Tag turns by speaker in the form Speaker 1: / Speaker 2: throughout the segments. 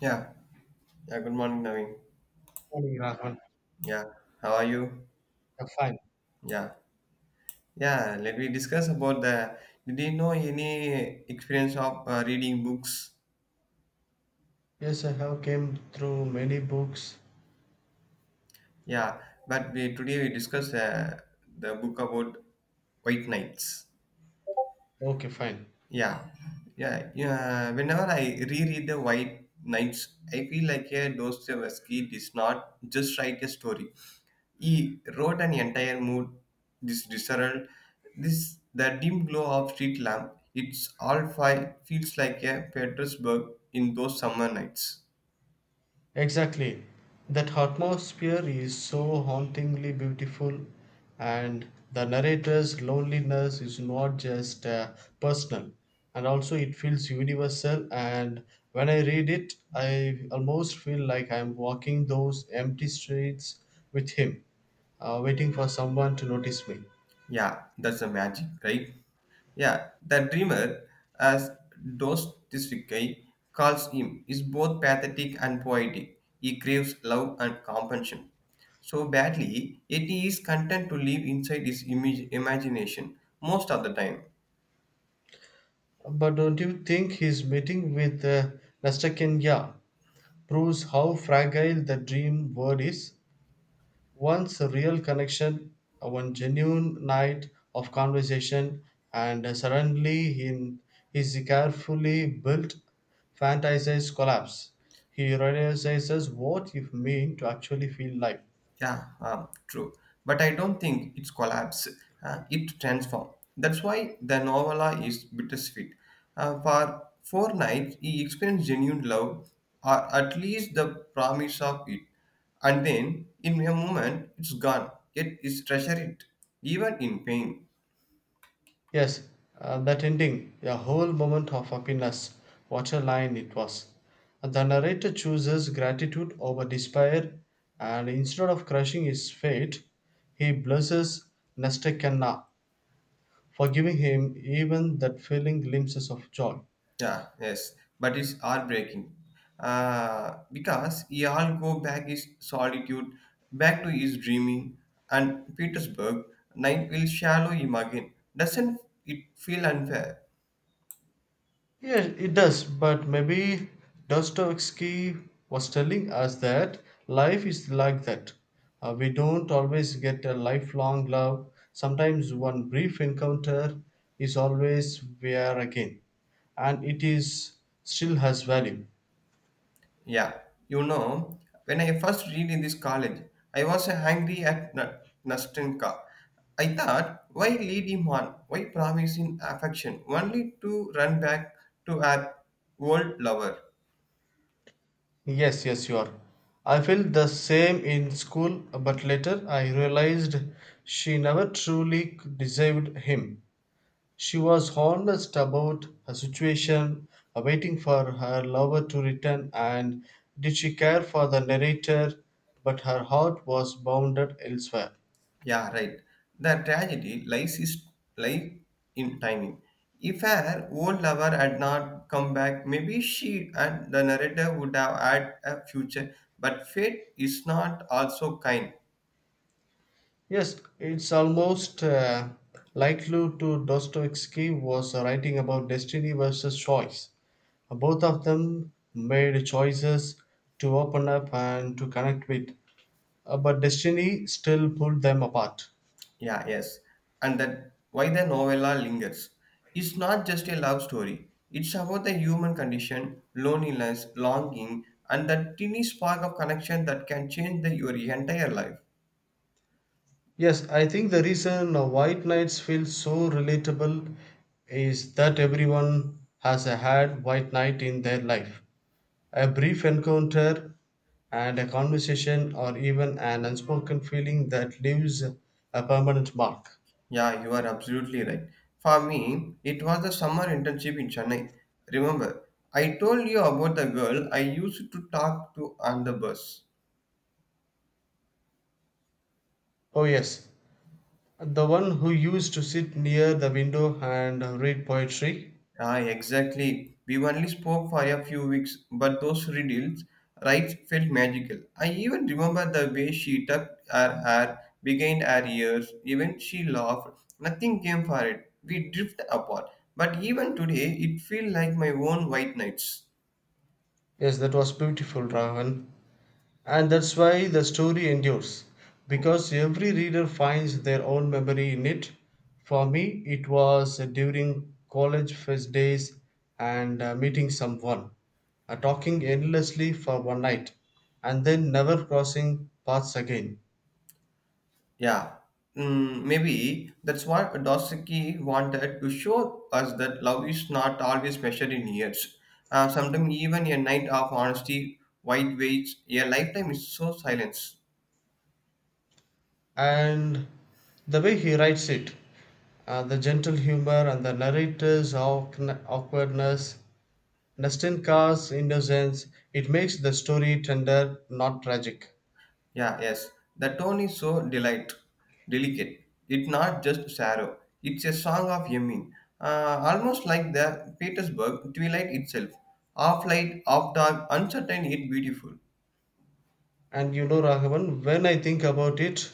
Speaker 1: Yeah, yeah, good morning, Naveen.
Speaker 2: Morning, Rahman.
Speaker 1: Yeah, how are you?
Speaker 2: I'm fine.
Speaker 1: Yeah, yeah, let me discuss about the. Did you know any experience of reading books?
Speaker 2: Yes, I have came through many books.
Speaker 1: Yeah, but we today we discuss the book about White Knights.
Speaker 2: Okay, fine.
Speaker 1: Yeah, yeah, yeah. Whenever I reread the White Knights, I feel like a Dostoevsky did not just write a story. He wrote an entire mood, this disarray, this the dim glow of street lamp. It's all five feels like a Petersburg in those summer nights.
Speaker 2: Exactly. That atmosphere is so hauntingly beautiful, and the narrator's loneliness is not just personal, and also it feels universal. And when I read it, I almost feel like I'm walking those empty streets with him, waiting for someone to notice me.
Speaker 1: Yeah, that's the magic, right? Yeah, the dreamer, as Dostoevsky calls him, is both pathetic and poetic. He craves love and compassion so badly, yet he is content to live inside his image, imagination most of the time.
Speaker 2: But don't you think his meeting with Nastakenya proves how fragile the dream world is? Once a real connection, one genuine night of conversation, and suddenly in his carefully built fantasized collapse, he realizes what it means to actually feel life.
Speaker 1: Yeah, true. But I don't think it's collapse. It transforms. That's why the novella is bittersweet. For four nights, he experienced genuine love, or at least the promise of it. And then, in a moment, it's gone. Yet, he treasures it, even in pain.
Speaker 2: Yes, that ending, a whole moment of happiness. What a line it was. The narrator chooses gratitude over despair, and instead of crushing his fate, he blesses Nastakanna, for giving him even that fleeting glimpses of joy.
Speaker 1: Yeah, yes, but it's heartbreaking because he all go back his solitude, back to his dreaming, and Petersburg night will shallow him again. Doesn't it feel unfair?
Speaker 2: Yeah, it does, but maybe Dostoevsky was telling us that life is like that. We don't always get a lifelong love. Sometimes one brief encounter is always where again, and it is still has value.
Speaker 1: Yeah, you know, when I first read in this college, I was angry at Nastenka. I thought, why lead him on? Why promise him affection only to run back to our old lover?
Speaker 2: Yes, yes, you are. I felt the same in school, but later I realized she never truly deserved him. She was honest about her situation, waiting for her lover to return, and did she care for the narrator, but her heart was bounded elsewhere.
Speaker 1: Yeah, right. The tragedy lies is lie in timing. If her old lover had not come back, maybe she and the narrator would have had a future. But fate is not also kind.
Speaker 2: Yes, it's almost likely to Dostoevsky was writing about destiny versus choice. Both of them made choices to open up and to connect with, but destiny still pulled them apart.
Speaker 1: Yeah, yes. And that why the novella lingers. It's not just a love story. It's about the human condition, loneliness, longing, and that teeny spark of connection that can change the, your entire life.
Speaker 2: Yes, I think the reason White Nights feel so relatable is that everyone has a had White Night in their life. A brief encounter and a conversation or even an unspoken feeling that leaves a permanent mark.
Speaker 1: Yeah, you are absolutely right. For me, it was the summer internship in Chennai. Remember, I told you about the girl I used to talk to on the bus.
Speaker 2: Oh yes, the one who used to sit near the window and read poetry.
Speaker 1: Ah, exactly. We only spoke for a few weeks, but those riddles right, felt magical. I even remember the way she tucked her hair behind her ears. Even she laughed. Nothing came for it. We drift apart. But even today, it feels like my own white nights.
Speaker 2: Yes, that was beautiful, Ravan. And that's why the story endures, because every reader finds their own memory in it. For me, it was during college first days and meeting someone, talking endlessly for one night, and then never crossing paths again.
Speaker 1: Yeah, mm, maybe that's what Dostoevsky wanted to show us that love is not always measured in years. Sometimes even a night of honesty, white weights, a lifetime is so silence.
Speaker 2: And the way he writes it, the gentle humor and the narrator's awkwardness, Nastenka's innocence, it makes the story tender, not tragic.
Speaker 1: Yeah, yes, the tone is so delicate. It's not just sorrow. It's a song of yearning, almost like the Petersburg twilight itself. Half light, half dark, uncertain yet beautiful.
Speaker 2: And you know, Raghavan, when I think about it,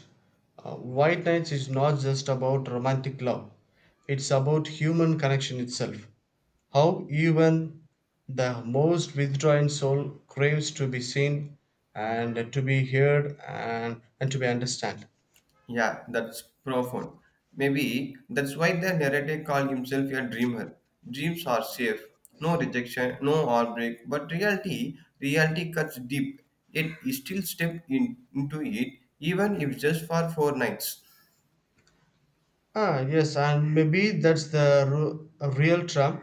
Speaker 2: White Nights is not just about romantic love, it's about human connection itself. How even the most withdrawn soul craves to be seen and to be heard, and to be understood.
Speaker 1: Yeah, that's profound. Maybe that's why the narrator called himself a dreamer. Dreams are safe, no rejection, no heartbreak. But reality cuts deep. Yet he still stepped in, into it, even if just for four nights.
Speaker 2: Ah, yes, and maybe that's the a real trap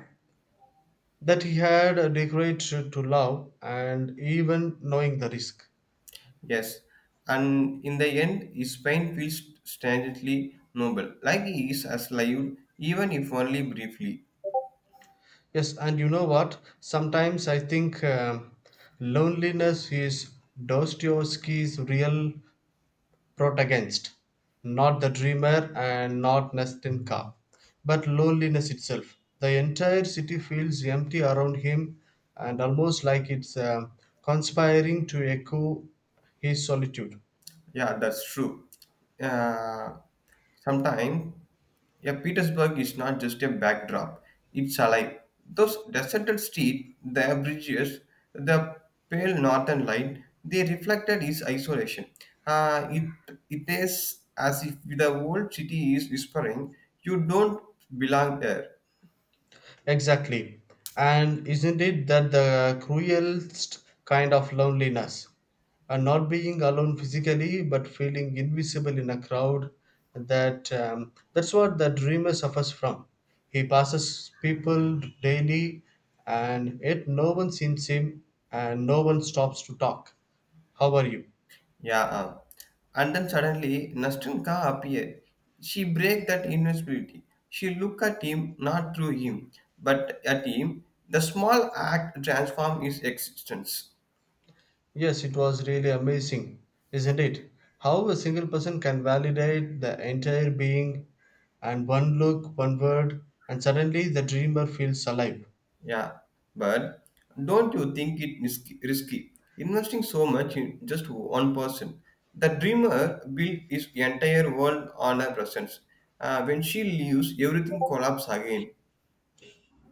Speaker 2: that he had a decorate to love and even knowing the risk.
Speaker 1: Yes, and in the end, his pain feels strangely noble, like he is alive, even if only briefly.
Speaker 2: Yes, and you know what? Sometimes I think loneliness is Dostoevsky's real protagonist, not the dreamer and not Nestenka, but loneliness itself. The entire city feels empty around him and almost like it's conspiring to echo his solitude.
Speaker 1: Yeah, that's true. Uh, sometime, yeah, Petersburg is not just a backdrop; it's alive. Those deserted streets, the bridges, the pale northern light, they reflected its isolation. Uh, it it is as if the old city is whispering, "You don't belong here."
Speaker 2: Exactly. And isn't it that the cruelest kind of loneliness? And not being alone physically, but feeling invisible in a crowd. That's what the dreamer suffers from. He passes people daily, and yet no one sees him, and no one stops to talk. How are you?
Speaker 1: Yeah. And then suddenly Nastenka appeared. She break that invisibility. She look at him, not through him, but at him. The small act transform his existence.
Speaker 2: Yes, it was really amazing, isn't it? How a single person can validate the entire being, and one look, one word, and suddenly the dreamer feels alive.
Speaker 1: Yeah. But don't you think it is risky? Investing so much in just one person. The dreamer built his entire world on her presence. When she leaves, everything collapses again.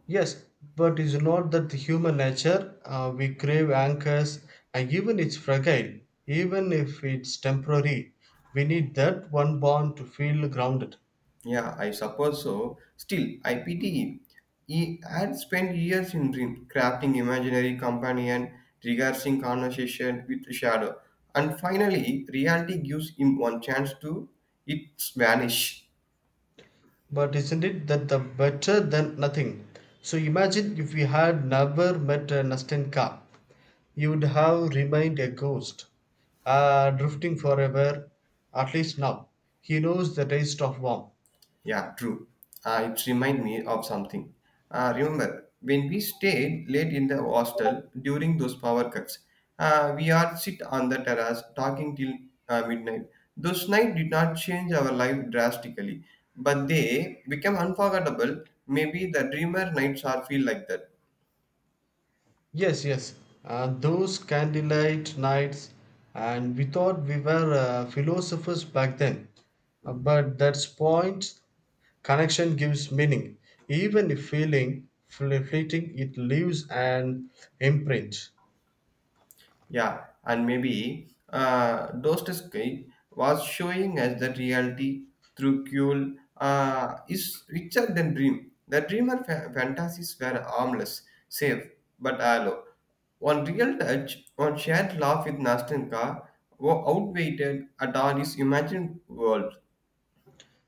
Speaker 2: Yes, but is not that the human nature? We crave anchors, and even it's fragile, even if it's temporary. We need that one bond to feel grounded.
Speaker 1: Yeah, I suppose so. Still, I pity him. He had spent years in dream, crafting imaginary companion, rehearsing conversation with shadow, and finally, reality gives him one chance to its vanish.
Speaker 2: But isn't it that the better than nothing? So imagine if we had never met a Nastenka. You'd have remained a ghost, drifting forever. At least now, he knows the taste of warmth.
Speaker 1: Yeah, true. It reminds me of something. When we stayed late in the hostel during those power cuts, we all sit on the terrace talking till midnight. Those nights did not change our life drastically, but they become unforgettable. Maybe the dreamer nights are feel like that.
Speaker 2: Yes, yes. Those candlelight nights, and we thought we were philosophers back then. But that's point. Connection gives meaning. Even if feeling fleeting, it leaves an imprint.
Speaker 1: Yeah, and maybe Dostoevsky was showing us that reality through Kuhl is richer than dream. The dreamer fantasies were harmless, safe, but hollow. One real touch, one shared laugh with Nastenka, outweighed at all his imagined world.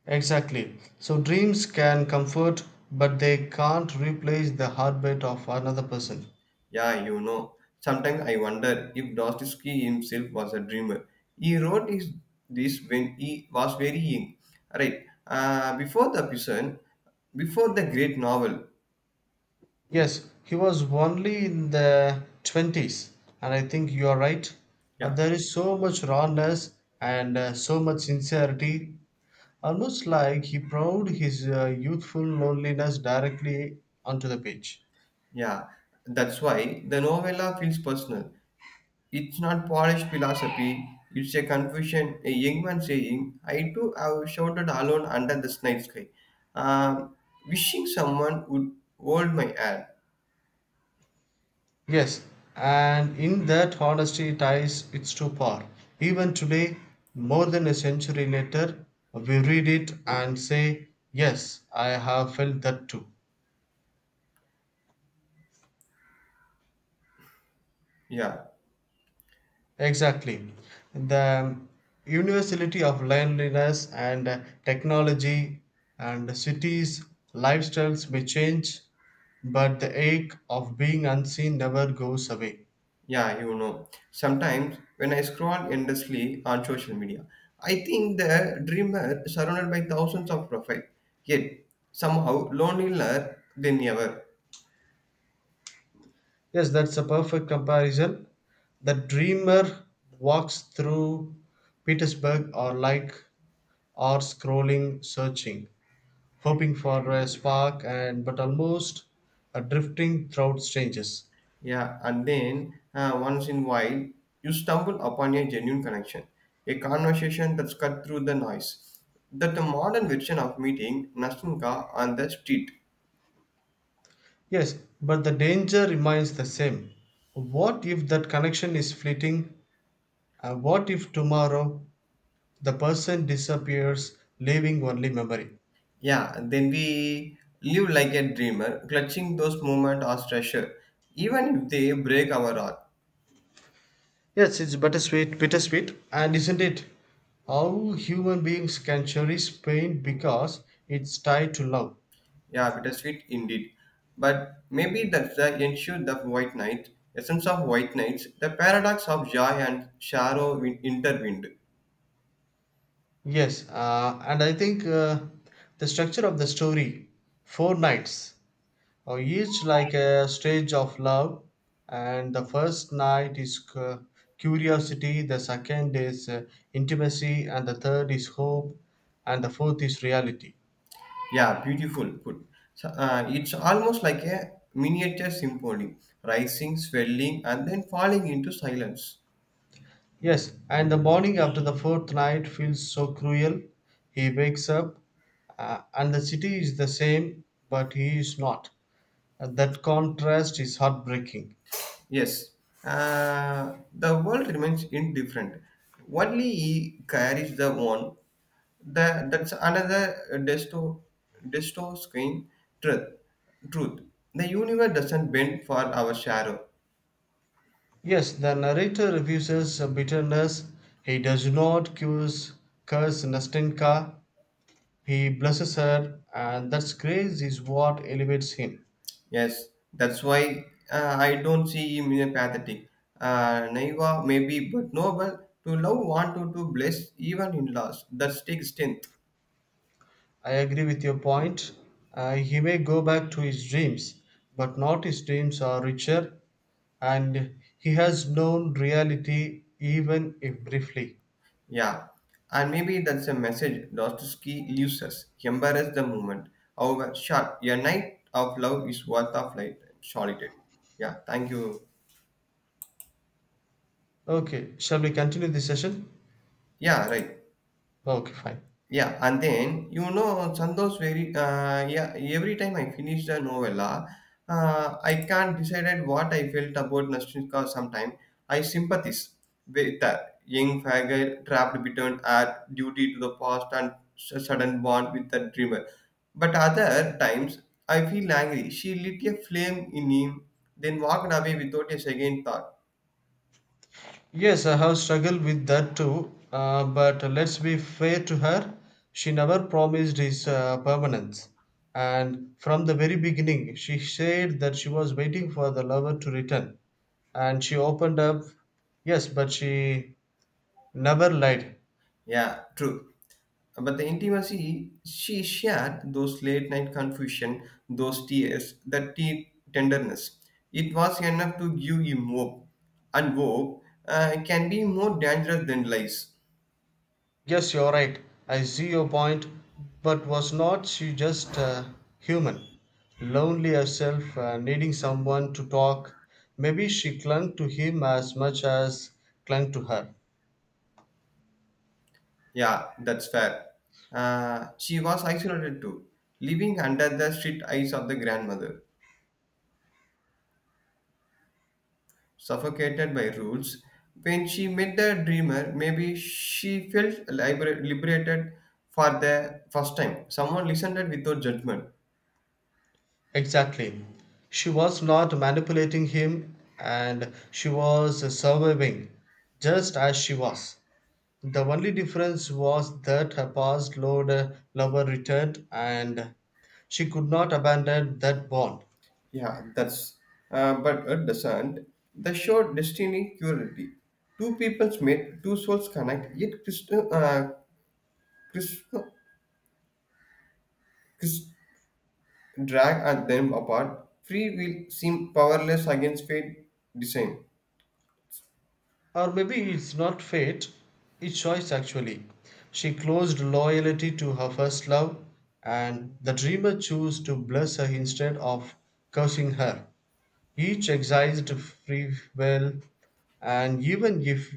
Speaker 2: Exactly. So dreams can comfort, but they can't replace the heartbeat of another person.
Speaker 1: Yeah, you know, sometimes I wonder if Dostoevsky himself was a dreamer. He wrote this when he was very young, right? Before the prison, before the great novel.
Speaker 2: Yes, he was only in the 20s, and I think you are right. Uh,
Speaker 1: Yeah,
Speaker 2: there is so much rawness and so much sincerity, almost like he poured his youthful loneliness directly onto the page.
Speaker 1: yeah. That's why the novella feels personal. It's not polished philosophy. It's a confusion. A young man saying, "I too have shouted alone under the night sky, um, wishing someone would hold my hand."
Speaker 2: Yes, and in that honesty ties its to power. Even today, more than a century later, we read it and say, yes, I have felt that too.
Speaker 1: Yeah.
Speaker 2: Exactly. The universality of loneliness and technology and cities, lifestyles may change, but the ache of being unseen never goes away.
Speaker 1: Yeah, you know, sometimes when I scroll endlessly on social media, I think the dreamer is surrounded by thousands of profiles, yet somehow lonelier than ever.
Speaker 2: Yes, that's a perfect comparison. The dreamer walks through Petersburg or like or scrolling, searching, hoping for a spark and but almost a drifting throughout strangers.
Speaker 1: Yeah, and then once in a while, you stumble upon a genuine connection, a conversation that's cut through the noise. That the modern version of meeting Nasunka on the street.
Speaker 2: Yes, but the danger remains the same. What if that connection is fleeting? And what if tomorrow the person disappears, leaving only memory?
Speaker 1: Yeah, then we live like a dreamer, clutching those moments as treasure, even if they break our heart.
Speaker 2: Yes, it's bittersweet, bittersweet, and isn't it? How human beings can cherish pain because it's tied to love.
Speaker 1: Yeah, bittersweet indeed. But maybe that's the issue the white night, essence of white nights, the paradox of joy and sorrow intertwined.
Speaker 2: Yes, and I think the structure of the story, four nights, each like a stage of love, and the first night is curiosity, the second is intimacy, and the third is hope, and the fourth is reality.
Speaker 1: Yeah, beautiful put. So, it's almost like a miniature symphony, rising, swelling, and then falling into silence.
Speaker 2: Yes, and the morning after the fourth night feels so cruel. He wakes up, and the city is the same, but he is not, and that contrast is heartbreaking.
Speaker 1: Yes, the world remains indifferent. Only he carries the one That that's another disto disto screen truth. Truth. The universe doesn't bend for our shadow.
Speaker 2: Yes, the narrator refuses bitterness. He does not curse Nastenka. He blesses her, and that grace is what elevates him.
Speaker 1: Yes, that's why I don't see him in a pathetic. Naive maybe, but noble to love, want to bless even in loss. That's take strength.
Speaker 2: I agree with your point. He may go back to his dreams, but not his dreams are richer, and he has known reality even if briefly.
Speaker 1: Yeah, and maybe that's a message Dostoevsky leaves us. Embrace the moment. However, short, a night of love is worth of light. Solitude. Yeah, thank you.
Speaker 2: Okay, shall we continue this session?
Speaker 1: Yeah, right.
Speaker 2: Okay, fine.
Speaker 1: Yeah, and then you know Chandos very yeah every time I finished a novella, I can't decide what I felt about Nastrinka. Sometimes I sympathize with the young faggot trapped between her duty to the past and sudden bond with the dreamer. But other times I feel angry. She lit a flame in him, then walked away without a second thought.
Speaker 2: Yes, I have struggled with that too. But let's be fair to her. She never promised his permanence. And from the very beginning, she said that she was waiting for the lover to return. And she opened up. Yes, but she never lied.
Speaker 1: Yeah, true. But the intimacy she shared, those late night confusion, those tears, that deep tenderness, it was enough to give him hope. And hope can be more dangerous than lies.
Speaker 2: Yes, you're right. I see your point. But was not she just human? Lonely herself, needing someone to talk. Maybe she clung to him as much as clung to her.
Speaker 1: Yeah, that's fair. She was isolated too, living under the strict eyes of the grandmother, suffocated by rules. When she met the dreamer, maybe she felt liberated for the first time. Someone listened without judgment.
Speaker 2: Exactly. She was not manipulating him and she was surviving just as she was. The only difference was that her past load lover returned and she could not abandon that bond.
Speaker 1: Yeah, that's. But at the sand, the show Destiny Cruelty. Two peoples meet, two souls connect, yet Krishna, Krishna drag and them apart. Free will seem powerless against fate design.
Speaker 2: Or maybe it's not fate, it's choice actually. She closed loyalty to her first love, and the dreamer chose to bless her instead of cursing her. Each exercised free will, and even if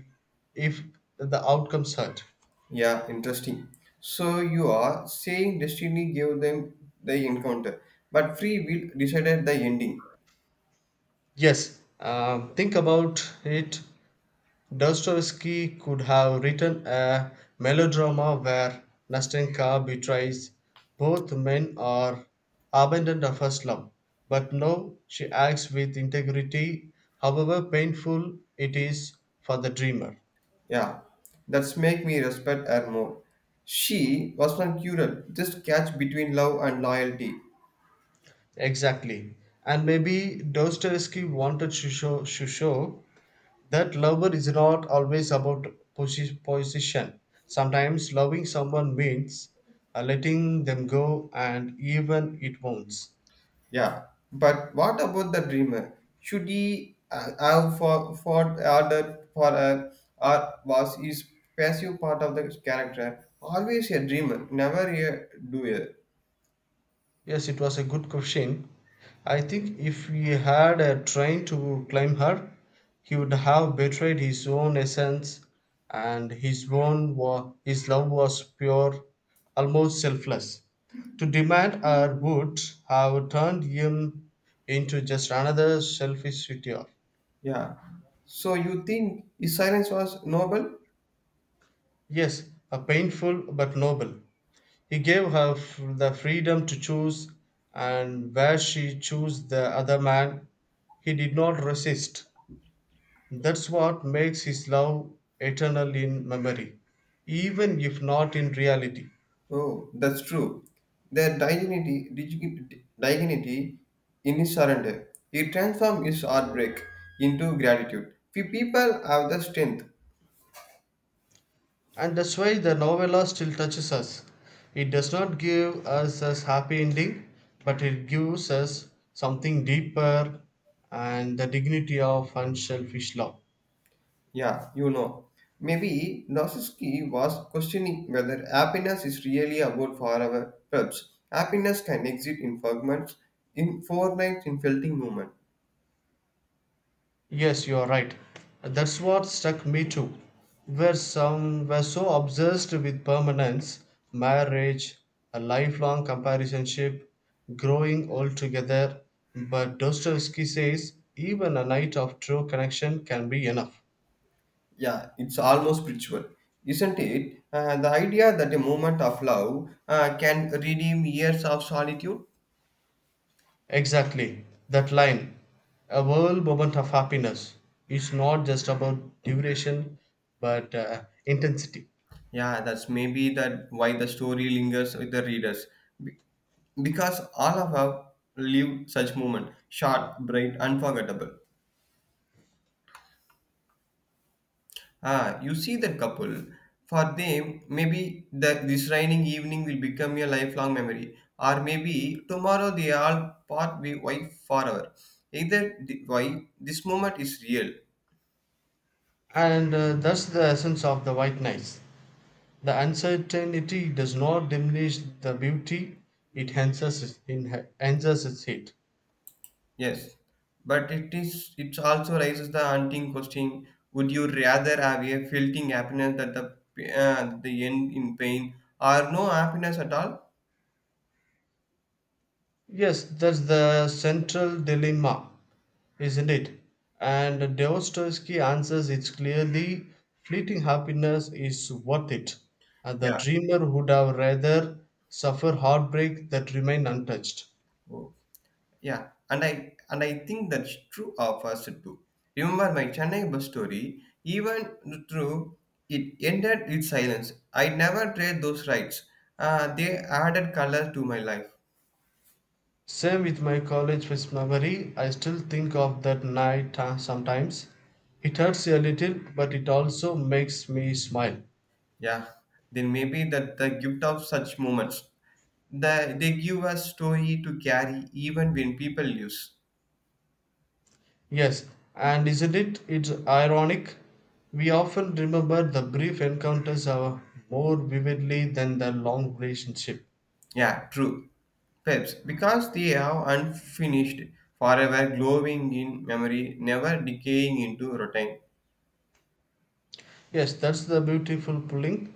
Speaker 2: if the outcomes hurt.
Speaker 1: Yeah, interesting. So you are saying destiny gave them the encounter, but free will decided the ending.
Speaker 2: Yes, think about it. Dostoevsky could have written a melodrama where Nastenka betrays both men or abandoned of her slum, but no, she acts with integrity, however painful it is for the dreamer.
Speaker 1: Yeah, that's make me respect her more. She was not cruel, just catch between love and loyalty.
Speaker 2: Exactly. And maybe Dostoevsky wanted to show that lover is not always about position. Sometimes loving someone means letting them go and even it wounds.
Speaker 1: Yeah, but what about the dreamer? Should he have for ordered for her, or was his passive part of the character always a dreamer, never a doer?
Speaker 2: Yes, it was a good question. I think if he had a train to claim her, he would have betrayed his own essence and his own his love was pure, almost selfless. To demand her would have turned him into just another selfish suitor.
Speaker 1: Yeah. So you think his silence was noble?
Speaker 2: Yes, a painful but noble. He gave her the freedom to choose, and where she chose the other man, he did not resist. That's what makes his love eternal in memory, even if not in reality.
Speaker 1: Oh, that's true. Their dignity in his surrender. He transformed his heartbreak into gratitude. Few people have the strength
Speaker 2: And that's why the novella still touches us. It does not give us a happy ending, but it gives us something deeper and the dignity of unselfish love.
Speaker 1: Yeah, you know. Maybe Dostoevsky was questioning whether happiness is really about forever. Perhaps happiness can exist in fragments, in fortnights, in felting moment.
Speaker 2: Yes, you are right. That's what struck me too. Where some were so obsessed with permanence, marriage, a lifelong companionship, growing old together, but Dostoevsky says even a night of true connection can be enough.
Speaker 1: Yeah, it's almost spiritual, isn't it? The idea that a moment of love can redeem years of solitude.
Speaker 2: Exactly, that line, a world moment of happiness, is not just about duration but intensity.
Speaker 1: Yeah, that's maybe that why the story lingers with the readers, Be- because all of us lived such moment, short, bright, unforgettable. Ah, you see that couple. For them, maybe the, this raining evening will become a lifelong memory, or maybe tomorrow they all part be wife forever. Either the, why this moment is real,
Speaker 2: And that's the essence of the White Knights. The uncertainty does not diminish the beauty, it enhances it. Enhances it.
Speaker 1: yes, but it is it also raises the haunting question: Would you rather have a fleeting happiness that the end in pain, or no happiness at all?
Speaker 2: Yes, that's the central dilemma, isn't it? And Dostoevsky answers it clearly. Fleeting happiness is worth it, and the
Speaker 1: Yeah.
Speaker 2: dreamer would have rather suffer heartbreak that remain untouched.
Speaker 1: Oh. Yeah, and I think that's true of us too. Remember my Chennai bus story? Even though it ended with silence, I never trade those rights. They added color to my life.
Speaker 2: Same with my college fest memory. I still think of that night sometimes. It hurts a little, but it also makes me smile.
Speaker 1: Yeah, then maybe that the gift of such moments. The, they give us story to carry even when people use.
Speaker 2: Yes, and isn't it? It's ironic. We often remember the brief encounters are more vividly than the long relationship.
Speaker 1: Yeah, true. Perhaps because they are unfinished, forever glowing in memory, never decaying into routine.
Speaker 2: Yes, that's the beautiful pulling.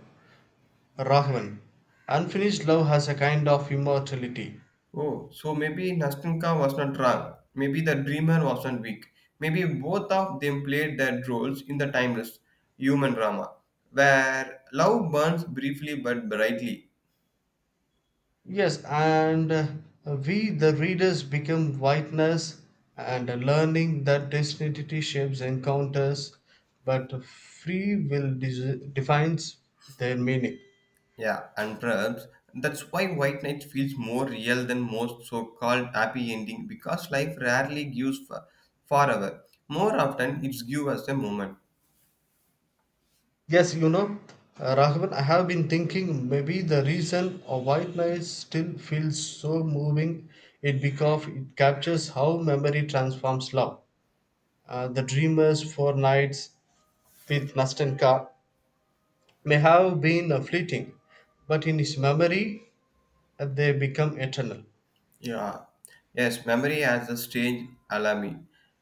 Speaker 2: Rahman. Unfinished love has a kind of immortality.
Speaker 1: Oh, so maybe Nastenka was not wrong. Maybe the dreamer wasn't weak. Maybe both of them played their roles in the timeless human drama, where love burns briefly but brightly.
Speaker 2: Yes, and we, the readers, become witness and learning that destiny shapes encounters, but free will defines their meaning.
Speaker 1: Yeah, and perhaps that's why White Knight feels more real than most so-called happy ending because life rarely gives forever. More often, it's give us a moment.
Speaker 2: Yes, you know, Raghavan, I have been thinking maybe the reason a white noise still feels so moving it because it captures how memory transforms love. The dreamers for nights with Nastenka may have been fleeting, but in his memory they become eternal.
Speaker 1: Yeah. Yes, memory has a strange alamy.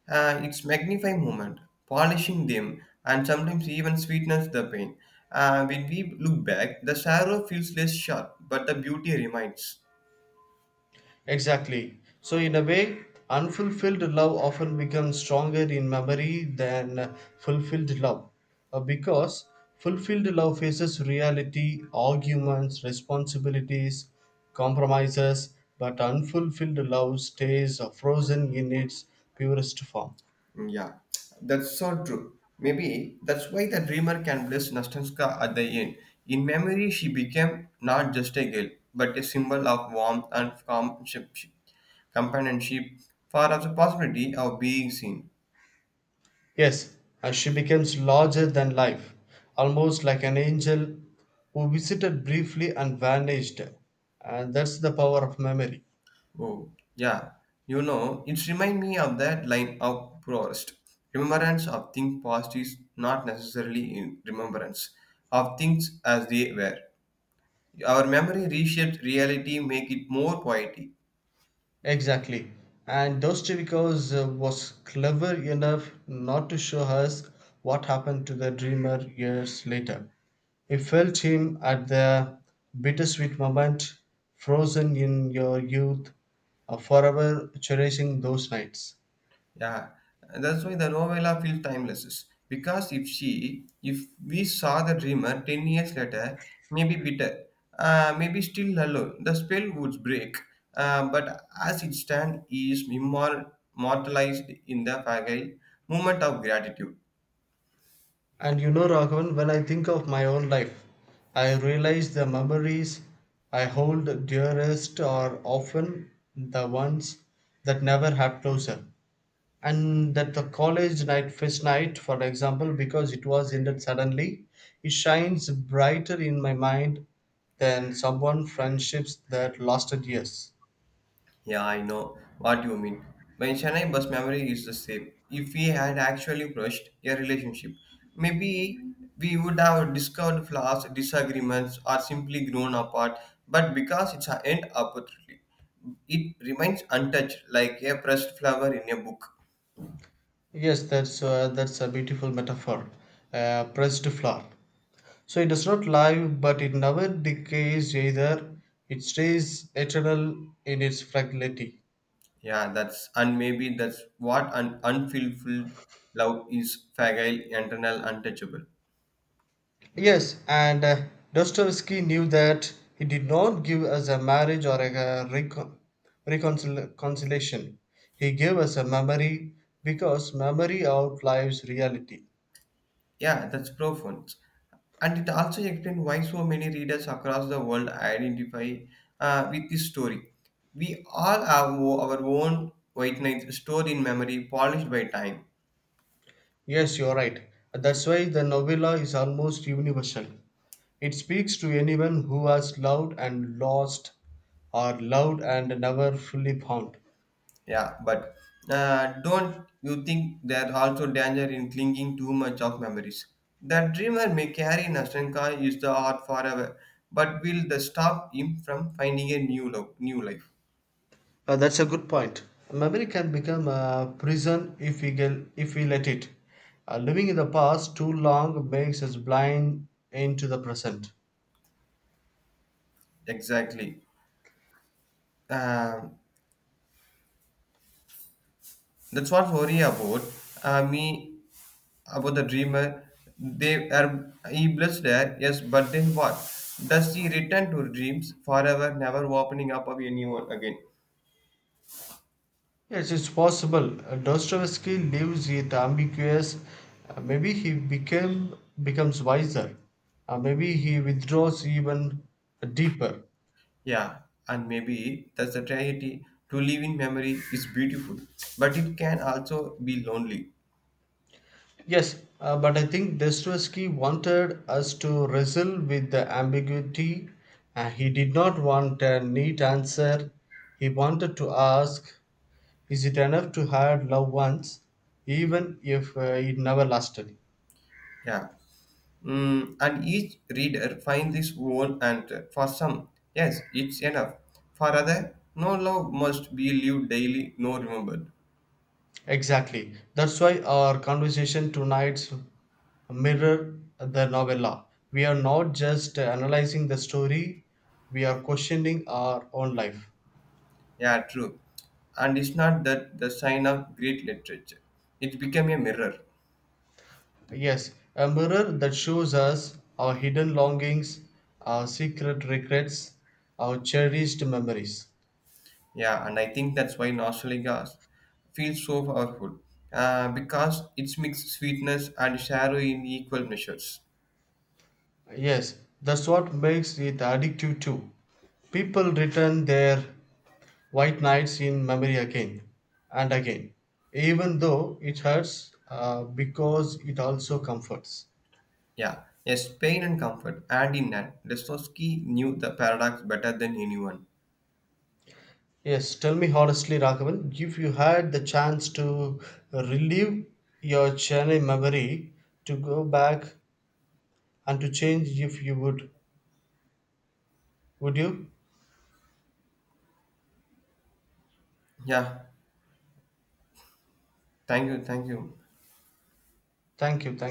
Speaker 1: It's magnifying moment, polishing them, and sometimes even sweetens the pain. When we look back, the sorrow feels less sharp, but the beauty remains.
Speaker 2: Exactly. So, in a way, unfulfilled love often becomes stronger in memory than fulfilled love. Because fulfilled love faces reality, arguments, responsibilities, compromises, but unfulfilled love stays frozen in its purest form.
Speaker 1: Mm, yeah, that's so true. Maybe that's why the dreamer can bless Nastenska at the end. In memory, she became not just a girl, but a symbol of warmth and companionship for the possibility of being seen.
Speaker 2: Yes, and she becomes larger than life, almost like an angel who visited briefly and vanished. And that's the power of memory.
Speaker 1: Oh, yeah. You know, it reminds me of that line of Proust. Remembrance of things past is not necessarily in remembrance of things as they were. Our memory reshapes reality, make it more poetic.
Speaker 2: Exactly. And Dostoevsky was clever enough not to show us what happened to the dreamer years later. He felt him at the bittersweet moment, frozen in your youth, forever cherishing those nights.
Speaker 1: Yeah, and that's why the novella feels timeless. Because if she, if we saw the dreamer 10 years later, maybe bitter, maybe still alone, the spell would break. But as it stands, he is immortalized in the fragile moment of gratitude.
Speaker 2: And you know, Raghavan, when I think of my own life, I realize the memories I hold dearest are often the ones that never have closure. And that the college night, first night, for example, because it was ended suddenly, it shines brighter in my mind than someone friendships that lasted years.
Speaker 1: Yeah, I know what you mean. My Chennai bus memory is the same. If we had actually brushed a relationship, maybe we would have discovered flaws, disagreements, or simply grown apart. But because it's an end opportunity, it remains untouched like a pressed flower in a book.
Speaker 2: Yes, that's a beautiful metaphor. Pressed flower. So it does not live, but it never decays either. It stays eternal in its fragility.
Speaker 1: Yeah, that's and maybe that's what an unfulfilled love is fragile, internal, untouchable.
Speaker 2: Yes, and Dostoevsky knew that he did not give us a marriage or a, reconciliation. He gave us a memory because memory outlives reality.
Speaker 1: Yeah, that's profound. And it also explains why so many readers across the world identify with this story. We all have our own white knight stored in memory, polished by time.
Speaker 2: Yes, you're right. That's why the novella is almost universal. It speaks to anyone who has loved and lost, or loved and never fully found.
Speaker 1: Yeah, but don't you think there's also danger in clinging too much of memories? The dreamer may carry Nastanka is the art forever, but will the stop him from finding a new love, new life?
Speaker 2: That's a good point. Memory can become a prison if we let it. Living in the past too long makes us blind into the present.
Speaker 1: Exactly. Um That's what worry about me about the dreamer. They are he blessed there, yes, but then what? Does he return to dreams forever, never opening up of anyone again?
Speaker 2: Yes, it's possible. Dostoevsky lives with ambiguous. Maybe he became becomes wiser. Maybe he withdraws even deeper.
Speaker 1: Yeah, and maybe that's the tragedy. To live in memory is beautiful, but it can also be lonely.
Speaker 2: Yes, but I think Dostoevsky wanted us to wrestle with the ambiguity. He did not want a neat answer. He wanted to ask, is it enough to have loved once, even if it never lasted?
Speaker 1: Yeah. Mm, and each reader finds his own answer. For some, yes, it's enough. For other, no love must be lived daily, no remembered.
Speaker 2: Exactly. That's why our conversation tonight's mirror the novella. We are not just analyzing the story, we are questioning our own life.
Speaker 1: Yeah, true. And it's not that the sign of great literature. It became a mirror.
Speaker 2: Yes, a mirror that shows us our hidden longings, our secret regrets, our cherished memories.
Speaker 1: Yeah, and I think that's why Nostalgias feels so powerful. Because it's mixed sweetness and sorrow in equal measures.
Speaker 2: Yes, that's what makes it addictive too. People return their white nights in memory again and again, even though it hurts because it also comforts.
Speaker 1: Yeah. Yes, pain and comfort. And in that, Dostoevsky knew the paradox better than anyone.
Speaker 2: Yes, tell me honestly, Raghavan, if you had the chance to relive your Chennai memory, to go back and to change if you would. Would you?
Speaker 1: Yeah. Thank you. Thank you.
Speaker 2: Thank you. Thank